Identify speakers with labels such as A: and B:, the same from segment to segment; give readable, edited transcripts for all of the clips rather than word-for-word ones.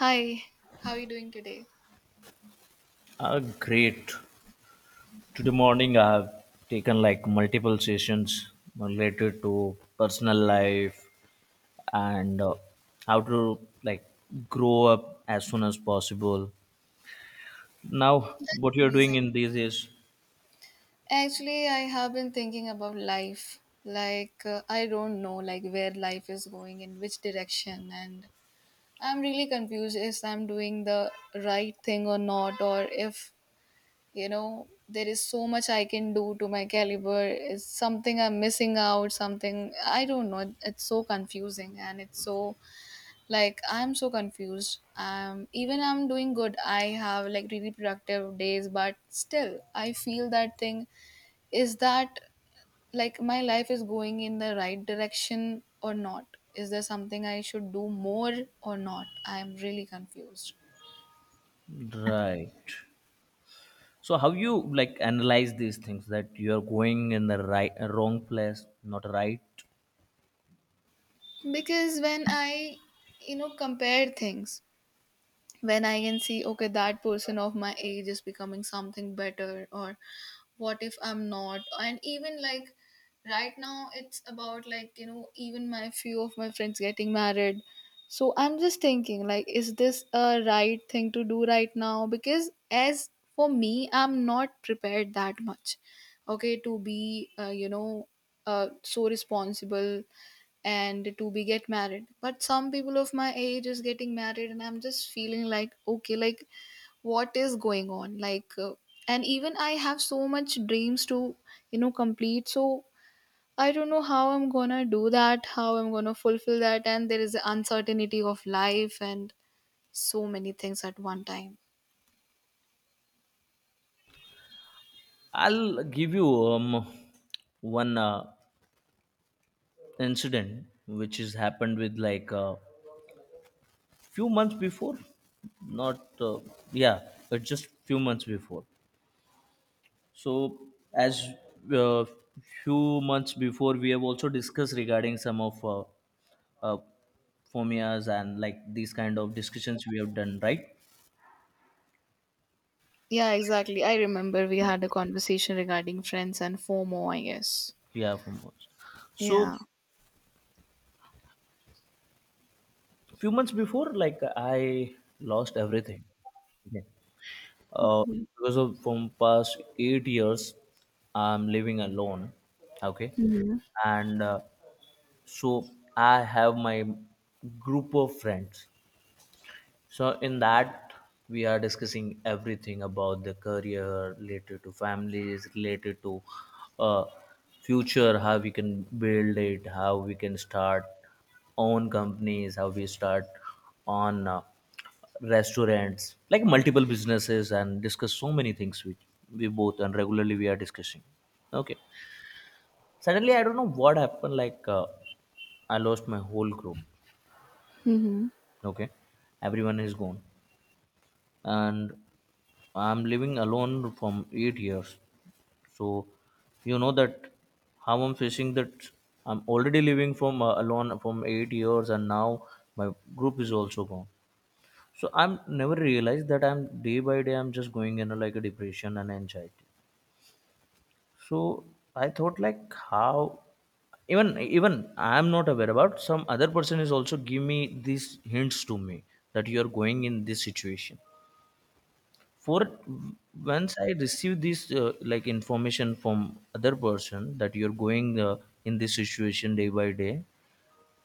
A: Hi, how are you doing today?
B: Great. Today morning I have taken like multiple sessions related to personal life and how to like grow up as soon as possible. Now, what you're doing
A: Amazing.
B: in these is
A: Actually, I have been thinking about life. Like, I don't know, like, where life is going, in which direction, and I'm really confused if I'm doing the right thing or not, or if, you know, there is so much I can do to my caliber. Is something I'm missing out, something I don't know. It's so confusing and it's so, like, I'm so confused. Even I'm doing good, I have like really productive days, but still I feel that thing is that, like, my life is going in the right direction or not. Is there something I should do more or not? I'm really confused.
B: right. So, how you like analyze these things that you're going in the right, wrong place, not right?
A: Because when I compare things, when I can see, okay, that person of my age is becoming something better, or what if I'm not? And even like right now, it's about, like, you know, even my few of my friends getting married. So I'm just thinking, like, is this a right thing to do right now? Because as for me, I'm not prepared that much, okay, to be, so responsible and to be get married. But some people of my age is getting married and I'm just feeling like, okay, like what is going on, like, and even I have so much dreams to complete. So I don't know how I'm gonna do that, how I'm gonna fulfill that, and there is the uncertainty of life and so many things at one time.
B: I'll give you one incident which has happened with like few months before, not yeah, but just few months before. So as uh, few months before we have also discussed regarding some of uh, phomias and like these kind of discussions we have done, right?
A: Yeah, exactly, I remember we had a conversation regarding friends and FOMO, I guess.
B: Yeah, phomias. So
A: Yeah.
B: few months before, like I lost everything. Okay. Uh,
A: Mm-hmm.
B: because of from past 8 years, I'm living alone. Okay, and so I have my group of friends, so in that we are discussing everything about the career, related to families, related to uh, future, how we can build it, how we can start own companies, how we start on restaurants, like multiple businesses, and discuss so many things which we both and regularly we are discussing. Okay, suddenly I don't know what happened, like I lost my whole group.
A: Mm-hmm.
B: Okay, everyone is gone, and I'm living alone from 8 years. So you know that how I'm facing that. I'm already living from alone from 8 years, and now my group is also gone. So I'm never realized that I'm day by day I'm just going in a, like a depression and anxiety. So I thought like how, even I'm not aware about, some other person is also give me these hints to me that you are going in this situation. For once I receive this like information from other person that you're going in this situation day by day,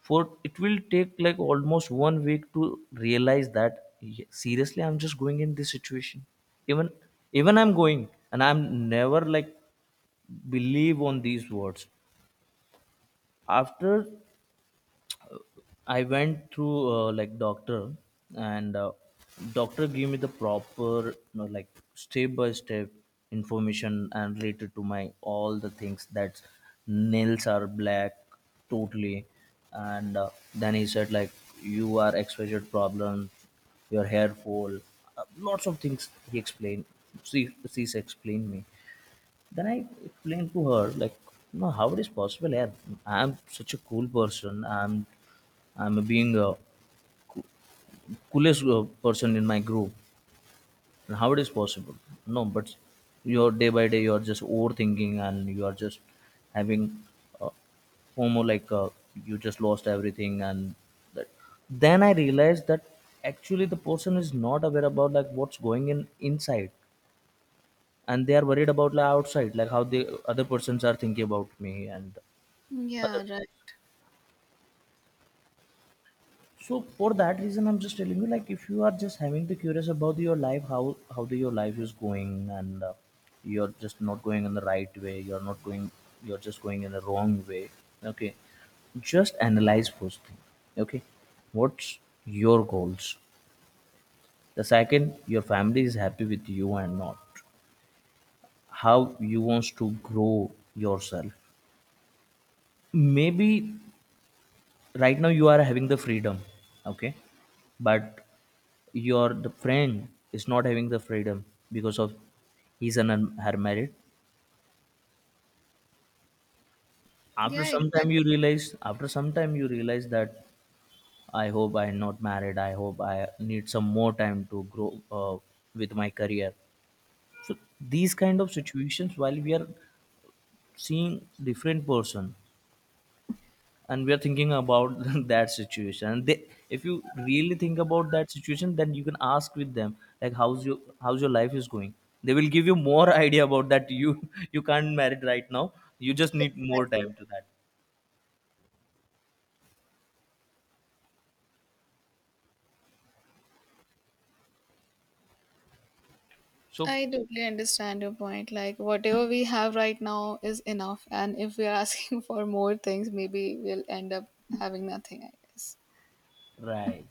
B: for it will take like almost 1 week to realize that, "Yeah, seriously I'm just going in this situation. Even I'm going, and I'm never like believe on these words." After I went through like doctor, and doctor gave me the proper, you know, like step by step information and related to my all the things that nails are black totally, and then he said like, you are exposure problem, your hair fall, lots of things he explained. She's explained me, then I explained to her like, no, how it is possible? Yeah, I'm such a cool person. I'm being a coolest person in my group. And how it is possible? No, but you're day by day, you're just overthinking and you are just having uh, FOMO, like you just lost everything. And that. Then I realized that actually the person is not aware about like what's going in inside, and they are worried about like outside, like how the other persons are thinking about me and other.
A: Yeah, right.
B: So for that reason, I'm just telling you, like if you are just having the curious about your life, how the, your life is going, and you're just not going in the right way, you're not going, you're just going in the wrong way. Okay, just analyze first thing. Okay, what's your goals? The second, your family is happy with you and not, how you wants to grow yourself. Maybe right now you are having the freedom, okay, but your the friend is not having the freedom because of his and her married. After
A: Yeah.
B: some time you realize, after some time you realize that I hope I am not married, I hope I need some more time to grow with my career. So these kind of situations while we are seeing different person, and we are thinking about that situation, and they, if you really think about that situation then you can ask with them like, how's your life is going. They will give you more idea about that you you can't marry right now, you just need more time to that. So
A: I totally understand your point. Like, whatever we have right now is enough. And if we are asking for more things, maybe we'll end up having nothing, I guess.
B: right.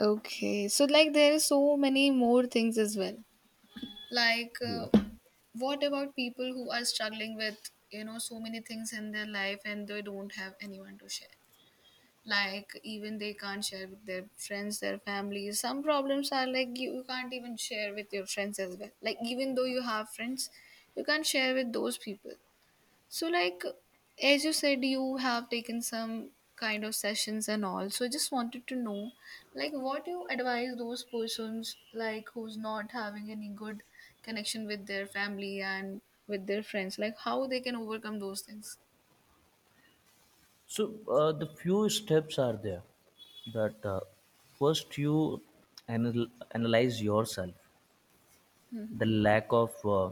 A: Okay. So, like, there are so many more things as well. Like,
B: Yeah.
A: what about people who are struggling with, so many things in their life and they don't have anyone to share? Like, even they can't share with their friends, their families. Some problems are, like, you can't even share with your friends as well. Like, even though you have friends, you can't share with those people. So, like, as you said, you have taken some kind of sessions and all, so I just wanted to know, like, what you advise those persons, like, who's not having any good connection with their family and with their friends, like, how they can overcome those things.
B: So the few steps are there, that first you anal- analyze yourself, the lack of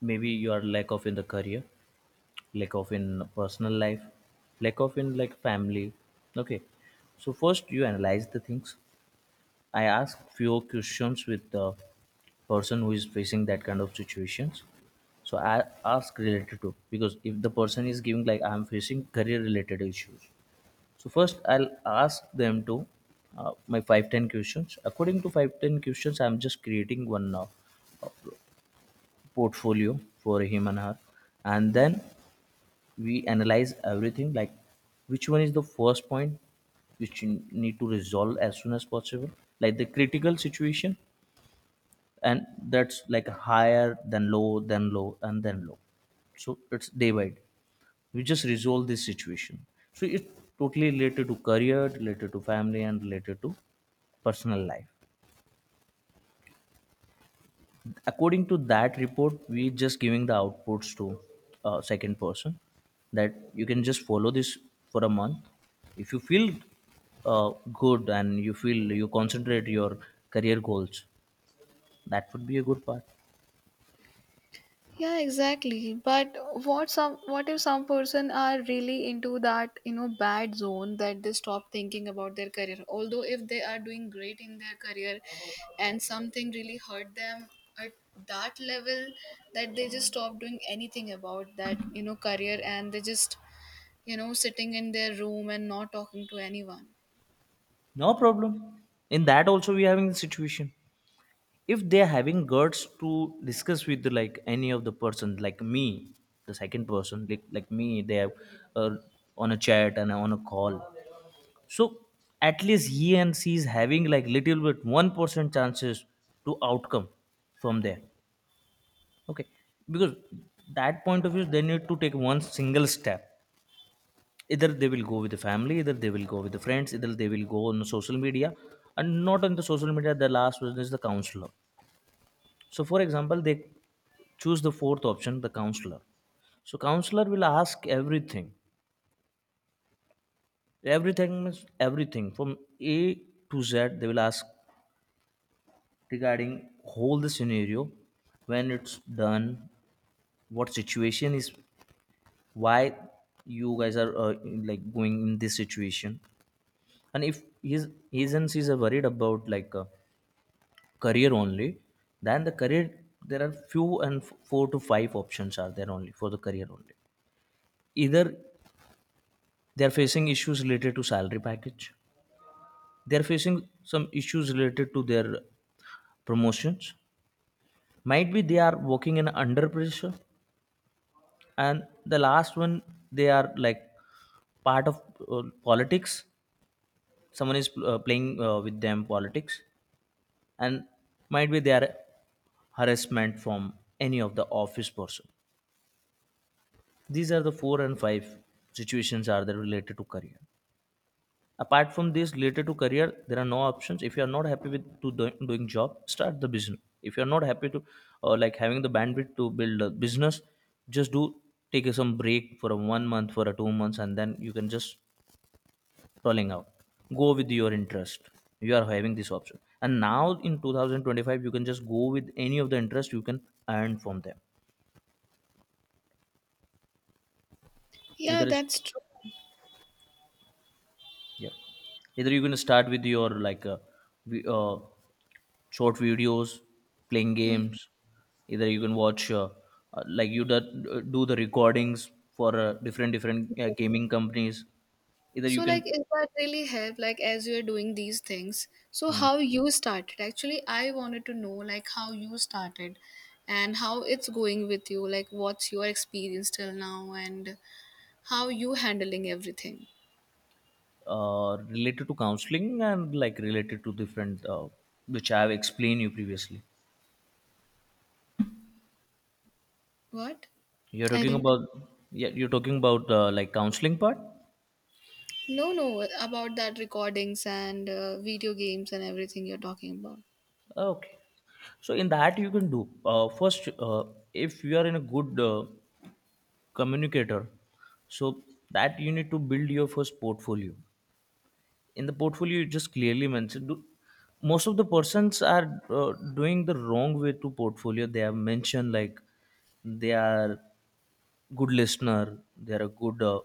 B: maybe your lack of in the career, lack of in personal life, lack of in like family, okay. So first you analyze the things. I ask few questions with the person who is facing that kind of situations. So I ask related to, because if the person is giving like I'm facing career related issues, so first I'll ask them to my 5-10 questions. According to 5-10 questions, I'm just creating one portfolio for him and her, and then we analyze everything, like which one is the first point which you need to resolve as soon as possible, like the critical situation. And that's like higher than low, then low and then low. So it's day by day, we just resolve this situation. So it's totally related to career, related to family, and related to personal life. According to that report, we just giving the outputs to second person, that you can just follow this for a month. If you feel good and you feel you concentrate your career goals, that would be a good part.
A: Yeah, exactly. But what if some person are really into that, bad zone that they stop thinking about their career. Although if they are doing great in their career and something really hurt them at that level that they just stop doing anything about that, career, and they just, sitting in their room and not talking to anyone.
B: No problem. In that also we are having the situation. If they're having guts to discuss with like any of the person like me, the second person like me, they have uh, on a chat and on a call. So at least he and she is having like little bit 1% chances to outcome from there. Okay, because that point of view they need to take one single step. Either they will go with the family, either they will go with the friends, either they will go on social media, and not on the social media. The last one is the counselor. So for example, they choose the fourth option, the counselor. So counselor will ask everything. Everything means everything from A to Z. They will ask regarding whole the scenario, when it's done, what situation is, why you guys are like going in this situation. And if his and she's are worried about like career only, then the career, there are few and four to five options are there only for the career only. Either they are facing issues related to salary package, they are facing some issues related to their promotions, might be they are working in under pressure, and the last one, they are like part of politics, someone is playing with them politics, and might be they are harassment from any of the office person. These are the four and five situations are there related to career. Apart from this related to career there are no options. If you are not happy with doing job, start the business. If you are not happy to like having the bandwidth to build a business, just do, take a some break for a 1 month, for a 2 months, and then you can just scrolling out, go with your interest. You are having this option, and now in 2025 you can just go with any of the interest, you can earn from them.
A: Yeah,
B: Either is,
A: that's true.
B: yeah, either you're going to start with your like vi- uh, short videos, playing
A: Hmm.
B: games, either you can watch like do the recordings for different different gaming companies, either you
A: So, like,
B: can.
A: is that really help, like, as you're doing these things? So
B: Hmm.
A: how you started? Actually, I wanted to know, like, how you started and how it's going with you, like, what's your experience till now and how you handling everything.
B: Related to counseling and like related to different which I have explained you previously.
A: What?
B: You're
A: I
B: talking
A: didn't.
B: about, yeah, you're talking about like counseling part.
A: No, no, about that recordings and video games and everything you're talking about.
B: Okay, so in that you can do first, if you are in a good communicator, so that you need to build your first portfolio. In the portfolio, you just clearly mention. Do, most of the persons are doing the wrong way to portfolio. They have mentioned like they are good listener, they are a good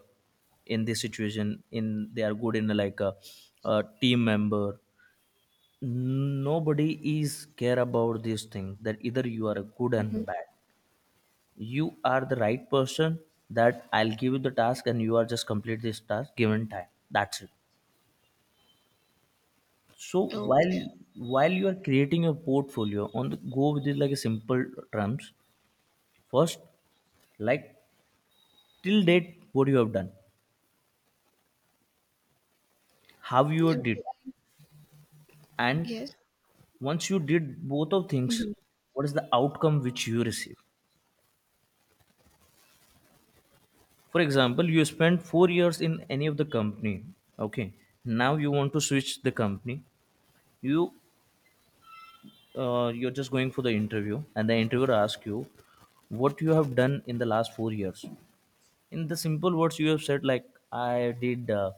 B: in this situation in they are good in like a team member. Nobody is care about this thing, that either you are a good and
A: Mhm.
B: bad, you are the right person, that I'll give you the task and you are just complete this task given time, that's it. So while
A: Okay.
B: while you are creating your portfolio, on the go with it like a simple terms, first, like till date what you have done, how you
A: Okay.
B: did, and
A: Yes.
B: once you did both of things,
A: Mhm.
B: what is the outcome which you receive. For example, you spent 4 years in any of the company, okay, now you want to switch the company. You you're just going for the interview and the interviewer asks you what you have done in the last 4 years. In the simple words, you have said like I did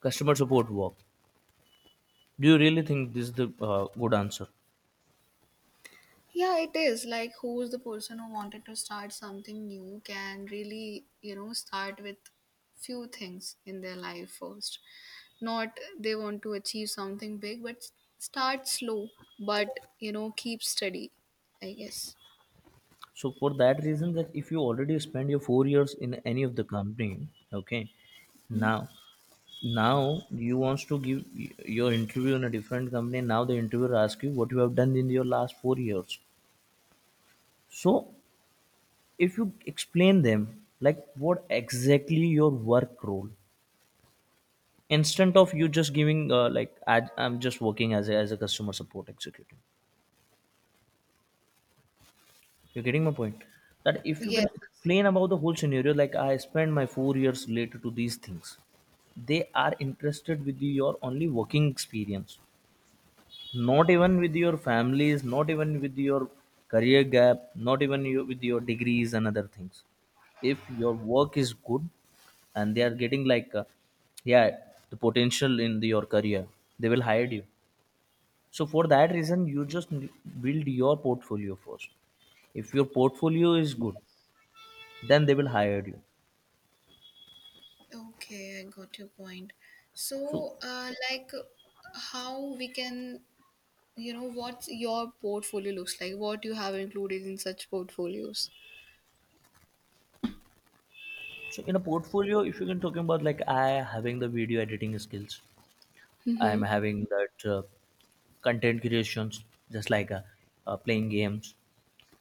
B: customer support work. Do you really think this is the good answer?
A: Yeah, it is. Like, who's the person who wanted to start something new can really, start with few things in their life first. Not they want to achieve something big, but start slow, but, keep steady, I guess.
B: So for that reason, that if you already spend your 4 years in any of the company, okay,
A: Hmm?
B: now now you wants to give your interview in a different company. Now the interviewer asks you what you have done in your last 4 years. So if you explain them like what exactly your work role, instead of you just giving like I'm just working as a customer support executive. You're getting my point? That if you
A: Yes.
B: can
A: Yes.
B: explain about the whole scenario, like I spent my 4 years related to these things, they are interested with your only working experience, not even with your families, not even with your career gap, not even you, with your degrees and other things. If your work is good and they are getting like, yeah, the potential in the, your career, they will hire you. So for that reason, you just build your portfolio first. If your portfolio is good, then they will hire you.
A: Okay, I got your point.
B: So
A: So, like, how we can, what your portfolio looks like, what you have included in such portfolios.
B: so in a portfolio, if you can talking about like I having the video editing skills, I
A: Mm-hmm.
B: am having that content creations, just like playing games,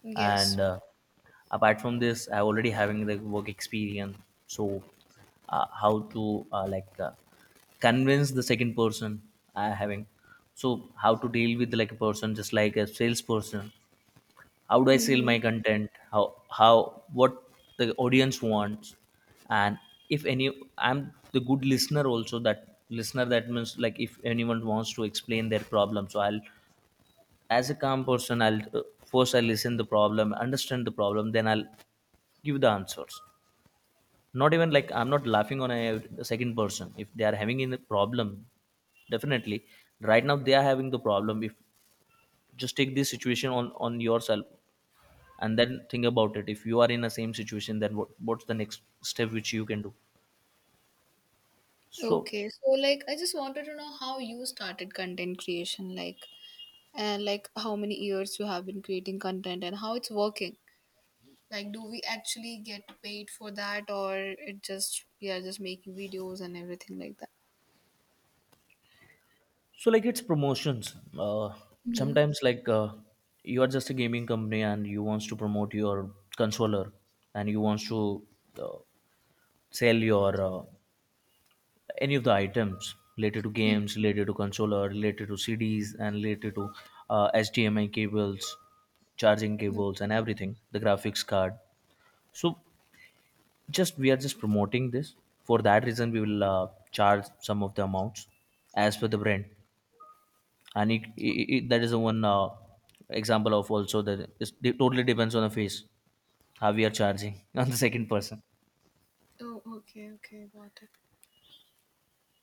A: Yes.
B: and apart from this, I already having the work experience. So how to like convince the second person. I having, so how to deal with like a person just like a salesperson. How do I sell
A: Mm-hmm.
B: my content? How what the audience wants. And if any, I'm the good listener also, that listener that means like if anyone wants to explain their problem, so I'll, as a calm person, I'll first I listen the problem, understand the problem, then I'll give the answers. Not even like I'm not laughing on a second person if they are having in a problem. Definitely right now they are having the problem. If just take this situation on yourself and then think about it, if you are in the same situation, then what's the next step which you can do. So
A: Okay, so, like, I just wanted to know how you started content creation, like, and like, how many years you have been creating content and how it's working. Like, do we actually get paid for that, or it just we are just making videos and everything like that?
B: so like it's promotions.
A: Mm-hmm.
B: Sometimes like you are just a gaming company and you wants to promote your controller, and you wants to uh, sell your any of the items related to games, related to controller, related to CDs, and related to HDMI cables, charging
A: Mm-hmm.
B: cables, and everything. The graphics card. So just we are just promoting this. For that reason, we will charge some of the amounts as per the brand, and it that is the one example of also that it totally depends on the face how we are charging on the second person.
A: Oh, okay, okay, got it.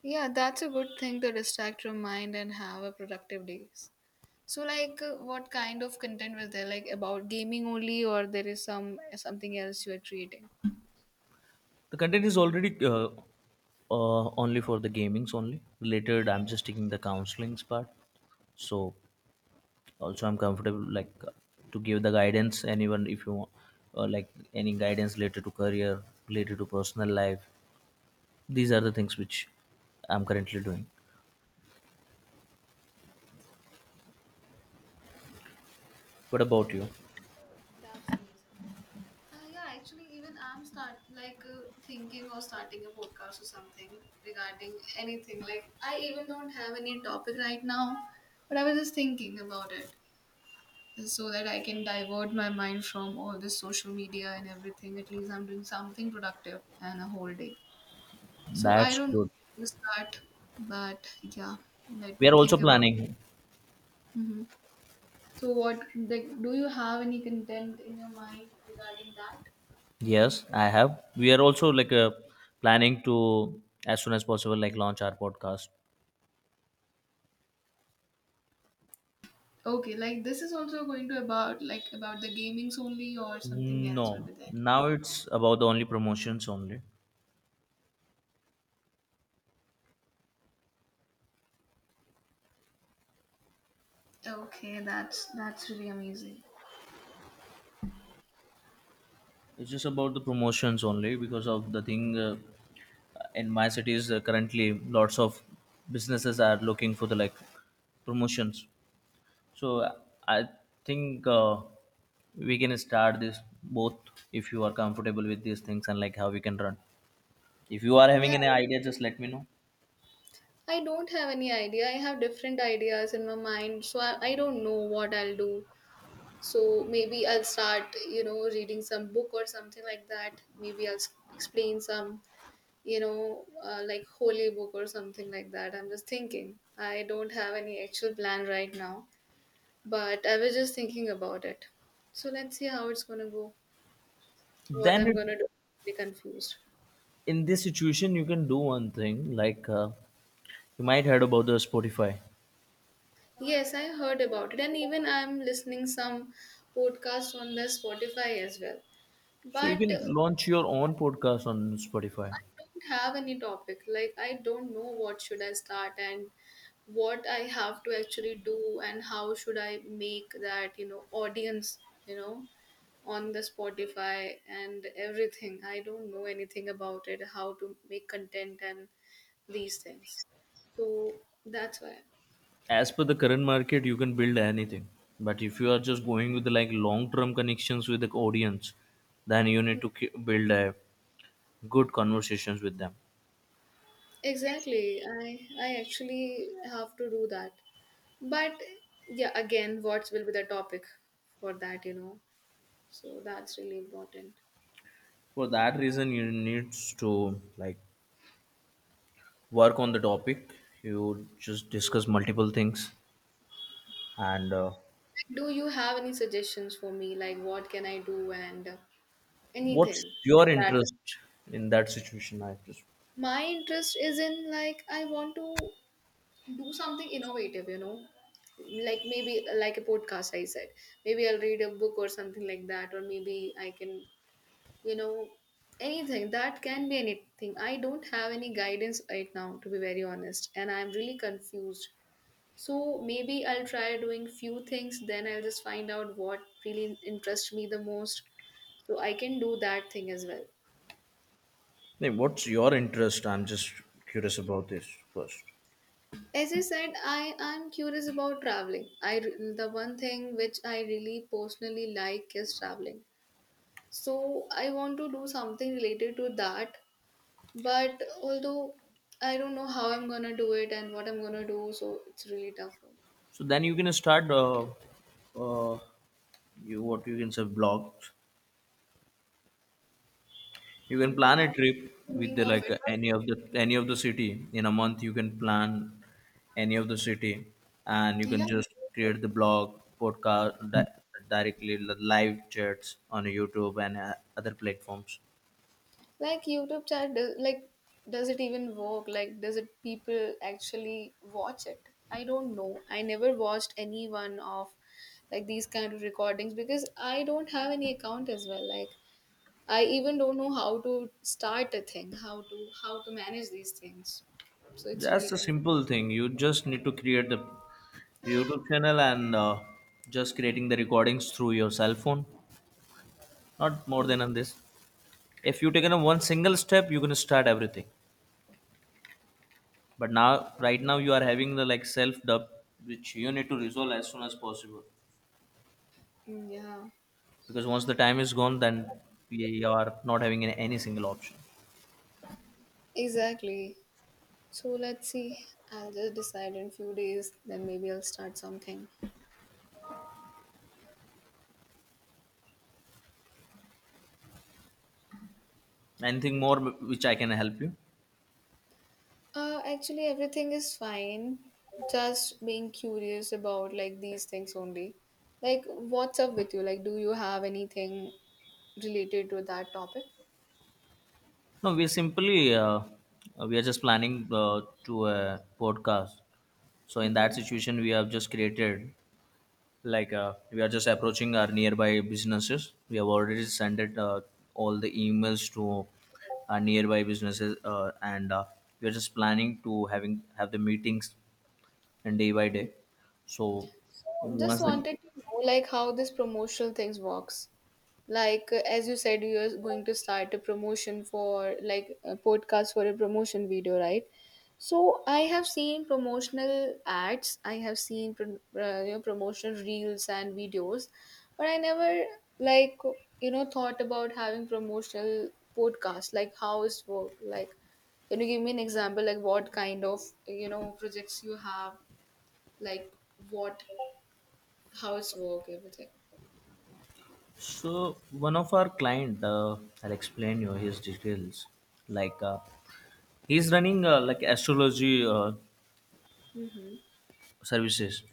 A: Yeah, that's a good thing to distract your mind and have a productive days. So, like, what kind of content was there? Like, about gaming only, or there is something else you are creating?
B: The content is already only for the gamings only related. I'm just taking the counselings part. So also I'm comfortable like to give the guidance anyone if you want like any guidance related to career, related to personal life. These are the things which I'm currently doing. What about you?
A: That's amazing. Yeah, actually, even I'm start, like, thinking or starting a podcast or something regarding anything. Like, I even don't have any topic right now, but I was just thinking about it so that I can divert my mind from all this social media and everything. At least I'm doing something productive and a whole day. So I
B: That's
A: don't know
B: good,
A: where to start, but yeah, let
B: we
A: me
B: are also
A: think about.
B: planning.
A: Hmm. So what, like, do you have any content in your mind regarding that?
B: Yes, I have. We are also like planning to as soon as possible like launch our podcast.
A: Okay, like, this is also going to about, like, about the gamings only or something else will
B: No,
A: be there.
B: now it's about the only promotions only.
A: Okay, that's really amazing.
B: It's just about the promotions only because of the thing. In my cities currently lots of businesses are looking for the like promotions. So I think we can start this both if you are comfortable with these things, and like how we can run. If you are having
A: Yeah,
B: any idea, just let me know.
A: I don't have any idea. I have different ideas in my mind, so I don't know what I'll do. So maybe I'll start, reading some book or something like that. Maybe I'll explain some, like, holy book or something like that. I'm just thinking. I don't have any actual plan right now. But I was just thinking about it. So let's see how it's gonna go. What
B: Then
A: I'm
B: it
A: gonna do. Be confused.
B: in this situation, you can do one thing, like you might heard about the Spotify.
A: Yes, I heard about it, and even I'm listening some podcast on the Spotify as well.
B: So you
A: But
B: can launch your own podcast on Spotify.
A: I don't have any topic. Like, I don't know what should I start and what I have to actually do and how should I make that, audience, you know, on the Spotify and everything. I don't know anything about it, how to make content and these things. So that's why.
B: As per the current market, you can build anything. But if you are just going with like long term connections with the audience, then you need to build a good conversations with them.
A: Exactly. I actually have to do that. But yeah, again, what will be the topic for that, you know? So that's really important.
B: For that reason, you need to like work on the topic. You just discuss multiple things, and
A: Do you have any suggestions for me, like, what can I do and
B: what's
A: anything
B: your
A: that
B: interest? In that situation, I just.
A: my interest is in? Like, I want to do something innovative, like, maybe like a podcast. I said maybe I'll read a book or something like that, or maybe I can, you know, anything that can be anything. I don't have any guidance right now, to be very honest, and I'm really confused. So maybe I'll try doing few things, then I'll just find out what really interests me the most, so I can do that thing as well.
B: Hey, what's your interest? I'm just curious about this first.
A: As I said, I am curious about traveling. The one thing which I really personally like is traveling. So I want to do something related to that, but although I don't know how I'm gonna do it and what I'm gonna do, so it's really tough for
B: So then you can start. Uh, you what you can say blogs. You
A: me.
B: can
A: Yeah,
B: plan
A: I was
B: a trip with
A: thinking
B: the
A: of
B: like
A: it, but
B: any of the city in a month. You can plan any of the city, and you
A: yeah.
B: can just create the blog, podcast, directly live chats on YouTube and other platforms.
A: Like, YouTube chat, like, does it even work? Like, does it people actually watch it? I don't know. I never watched any one of, like, these kind of recordings because I don't have any account as well. Like, I even don't know how to start a thing, how to manage these things. So it's really,
B: That's a
A: yeah,
B: simple thing. You just need to create the YouTube channel and just creating the recordings through your cell phone. Not more than on
A: confusing.
B: this. If you taken a one single step, you can start everything. But now, right now, you are having the like self dub, which you need to resolve as soon as possible.
A: Mm, yeah,
B: Because once the time is gone, then you are not having any single option.
A: exactly. So let's see. I'll just decide in few days. Then maybe I'll start something.
B: Anything more which I can help you?
A: Actually, everything is fine. Just being curious about like these things only. Like, what's up with you? Like, do you have anything related to that topic?
B: No, we simply we are just planning to a podcast. So in that
A: Mm-hmm.
B: situation, we have just created like we are just approaching our nearby businesses. We have already sent it all the emails to our nearby businesses, and we are just planning to having have the meetings and day by day. So
A: So, just
B: once the
A: wanted to know, like, how this promotional things works. Like, as you said, you're going to start a promotion for, like, a podcast for a promotion video, right? So I have seen promotional ads, I have seen promotional reels and videos, but I never, like, thought about having promotional podcast, like, how it's work, like, can you give me an example, like, what kind of projects you have, like, what, how it's work, everything.
B: so one of our client, I'll explain you his details. Like he's running like astrology
A: Mm-hmm.
B: services.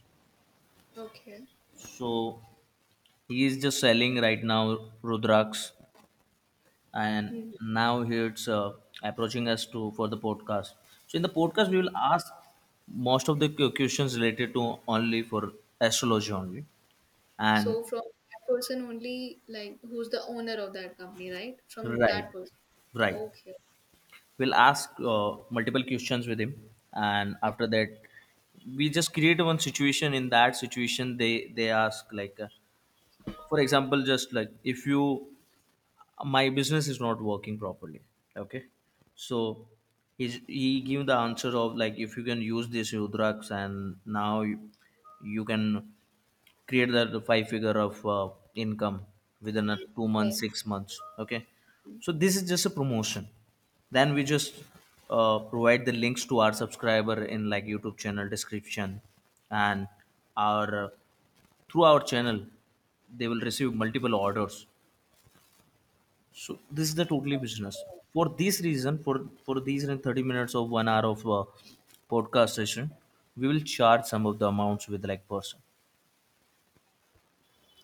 A: Okay.
B: So he is just selling right now rudraksh, and now he's approaching us to for the podcast. So in the podcast, we will ask most of the questions related to only for astrology only. And
A: So from that person only, like, who's the owner of that company, right? From
B: right,
A: that person.
B: right,
A: Okay.
B: we'll ask multiple questions with him, and after that we just create one situation. In that situation, they ask like for example just like if you, my business is not working properly, okay. So he's, he give the answer of like if you can use this rudraks, and now you can create that 5 figure of income within a 2 months
A: Yes.
B: 6 months, okay. So this is just a promotion. Then we just provide the links to our subscriber in like YouTube channel description, and our through our channel, they will receive multiple orders. So this is the totally business. For this reason, for these 30 minutes of 1 hour of podcast session, we will charge some of the amounts with like person.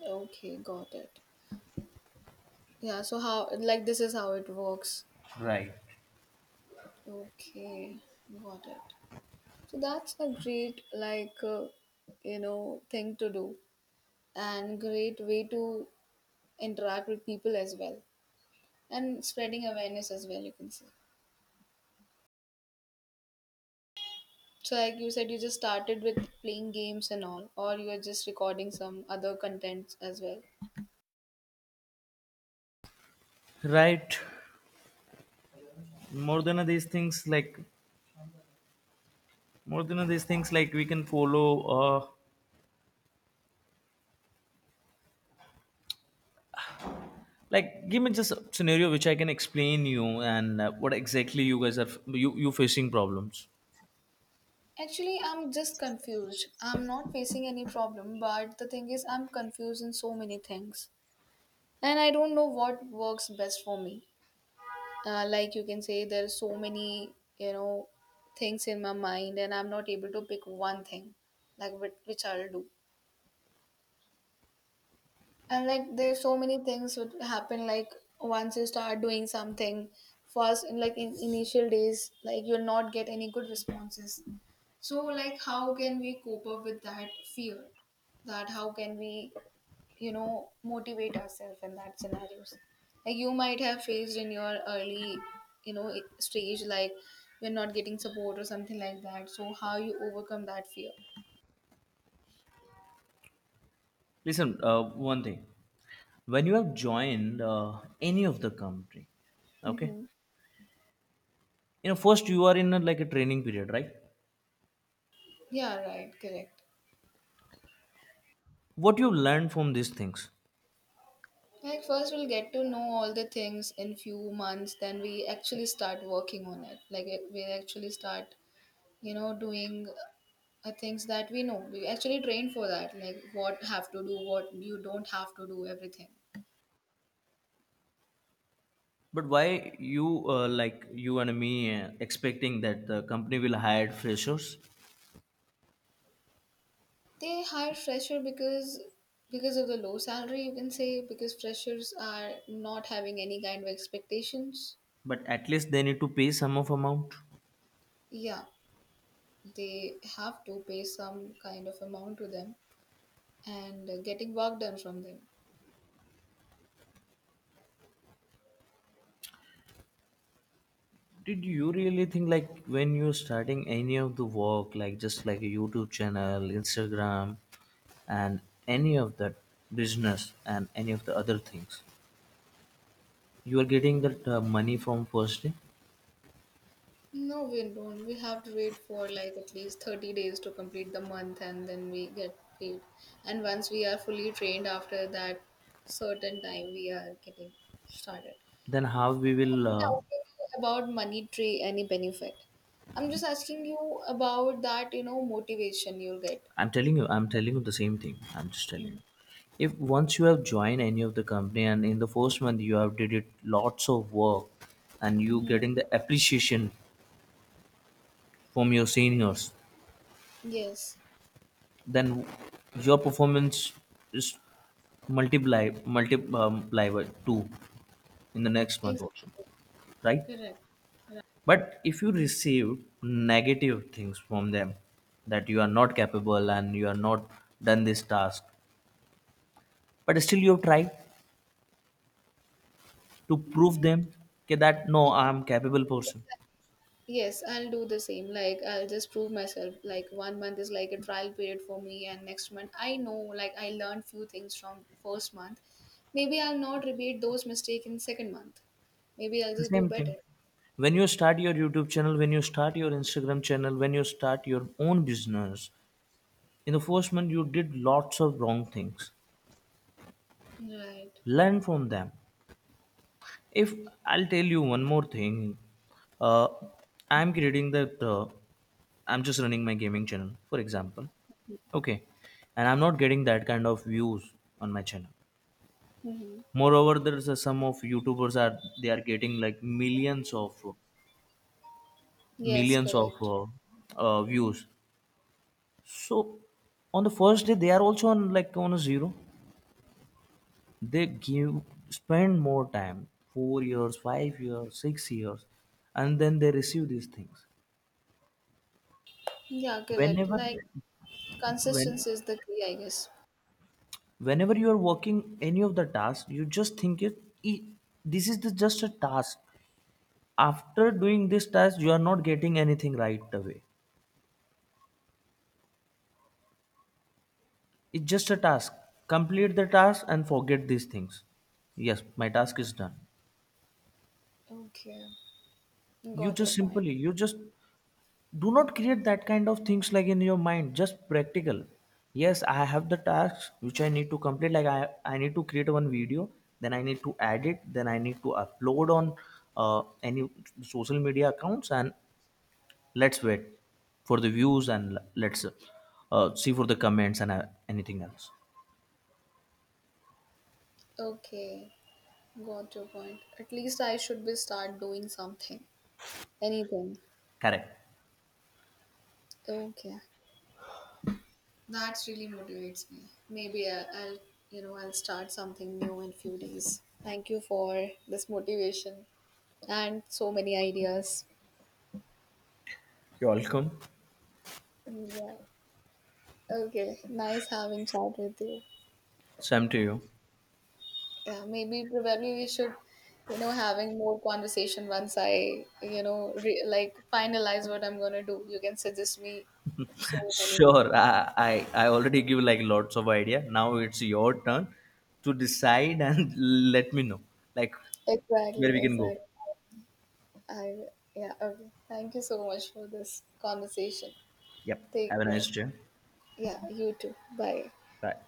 A: Okay, got it. Yeah, so how, like, this is how it works.
B: Right,
A: Okay, got it. So that's a great, like, thing to do and great way to interact with people as well and spreading awareness as well, you can say. So, like, you said you just started with playing games and all, or you are just recording some other contents as well.
B: right. More than these things like more than these things like we can follow uh like give me just a scenario which I can explain you, and what exactly you guys are you you facing problems.
A: Actually, I'm just confused. I'm not facing any problem, but the thing is, I'm confused in so many things. And I don't know what works best for me. Like, you can say, there are so many, things in my mind, and I'm not able to pick one thing, like, which I'll do. And like, there's so many things would happen, like, once you start doing something first, in like, in initial days, like, you'll not get any good responses. So, like, how can we cope up with that fear? That how can we, motivate ourselves in that scenarios? Like, you might have faced in your early, you know, stage, like, you're not getting support or something like that. So how you overcome that fear?
B: Listen, one thing, when you have joined any of the company, okay, you know first you are in a, like a training period, right?
A: Yeah, right, correct.
B: What you learn from these things?
A: Like, first we'll get to know all the things in few months, then we actually start working on it. Like, we actually start, doing things that we know. We actually train for that. Like, what have to do, what you don't have to do, everything.
B: But why you like you and me expecting that the company will hire freshers?
A: They hire fresher because of the low salary, you can say, because freshers are not having any kind of expectations.
B: But at least they need to pay some of amount.
A: Yeah, they have to pay some kind of amount to them and getting work done from them.
B: Did you really think like when you're starting any of the work, like just like a YouTube channel, Instagram, and any of that business and any of the other things, you are getting that money from first day?
A: No, we don't. We have to wait for like at least 30 days to complete the month and then we get paid. And once we are fully trained after that certain time, we are getting started.
B: Then how we
A: I'm not
B: will?
A: asking you about money tree, any benefit. I'm just asking you about that, motivation you'll get.
B: I'm telling you the same thing. I'm just telling
A: Hmm.
B: you. If once you have joined any of the company and in the first month you have did it lots of work and you
A: Hmm.
B: getting the appreciation from your seniors,
A: Yes,
B: then your performance is multiply by 2 in the next month
A: exactly.
B: also, right?
A: Correct.
B: But if you receive negative things from them, that you are not capable, and you are not done this task, but still you have tried to prove
A: Mm,
B: them, okay, that no, I am capable person.
A: yes, I'll do the same. Like, I'll just prove myself. Like, one month is like a trial period for me, and next month, I know, like, I learned few things from first month. Maybe I'll not repeat those mistakes in second month. Maybe I'll
B: The
A: just do
B: same thing
A: better.
B: when you start your YouTube channel, when you start your Instagram channel, when you start your own business, in the first month you did lots of wrong things.
A: Right.
B: Learn from them. If I'll tell you one more thing, uh, I'm creating that I'm just running my gaming channel, for example, okay. And I'm not getting that kind of views on my channel.
A: Mm-hmm.
B: Moreover, there's some of youtubers are they are getting like millions of
A: Yes,
B: millions of
A: correct.
B: uh, uh, views. So on the first day, they are also on like on a zero. They give spend more time, 4 years, 5 years, 6 years, and then they receive these things.
A: Yeah, correct.
B: whenever
A: Like,
B: when
A: consistency is the key, I guess.
B: whenever you are working any of the tasks, you just think it, this is the, just a task. After doing this task, you are not getting anything right away. It's just a task. Complete the task and forget these things. Yes, my task is done."
A: Okay,
B: You
A: got your
B: just
A: point.
B: simply, you just do not create that kind of things like in your mind, just practical. Yes, I have the tasks which I need to complete, like I need to create one video, then I need to edit, then I need to upload on any social media accounts, and let's wait for the views, and let's see for the comments, and anything else.
A: Okay, got your point. At least I should be start doing something, anything.
B: Correct.
A: Okay. That really motivates me. Maybe I'll start something new in few days. Thank you for this motivation and so many ideas.
B: You're welcome.
A: Yeah. Okay. Nice having chat with you.
B: Same to you.
A: Yeah. Maybe probably we should, having more conversation once I, like, finalize what I'm gonna do. You can suggest me so many things.
B: Sure, I already give like lots of idea. Now it's your turn to decide and let me know like where
A: Exactly.
B: we can go.
A: Exactly. I. Yeah. Okay. Thank you so much for this conversation.
B: Yep.
A: Take
B: Have a
A: care.
B: nice day.
A: Yeah, you too. Bye.
B: Bye.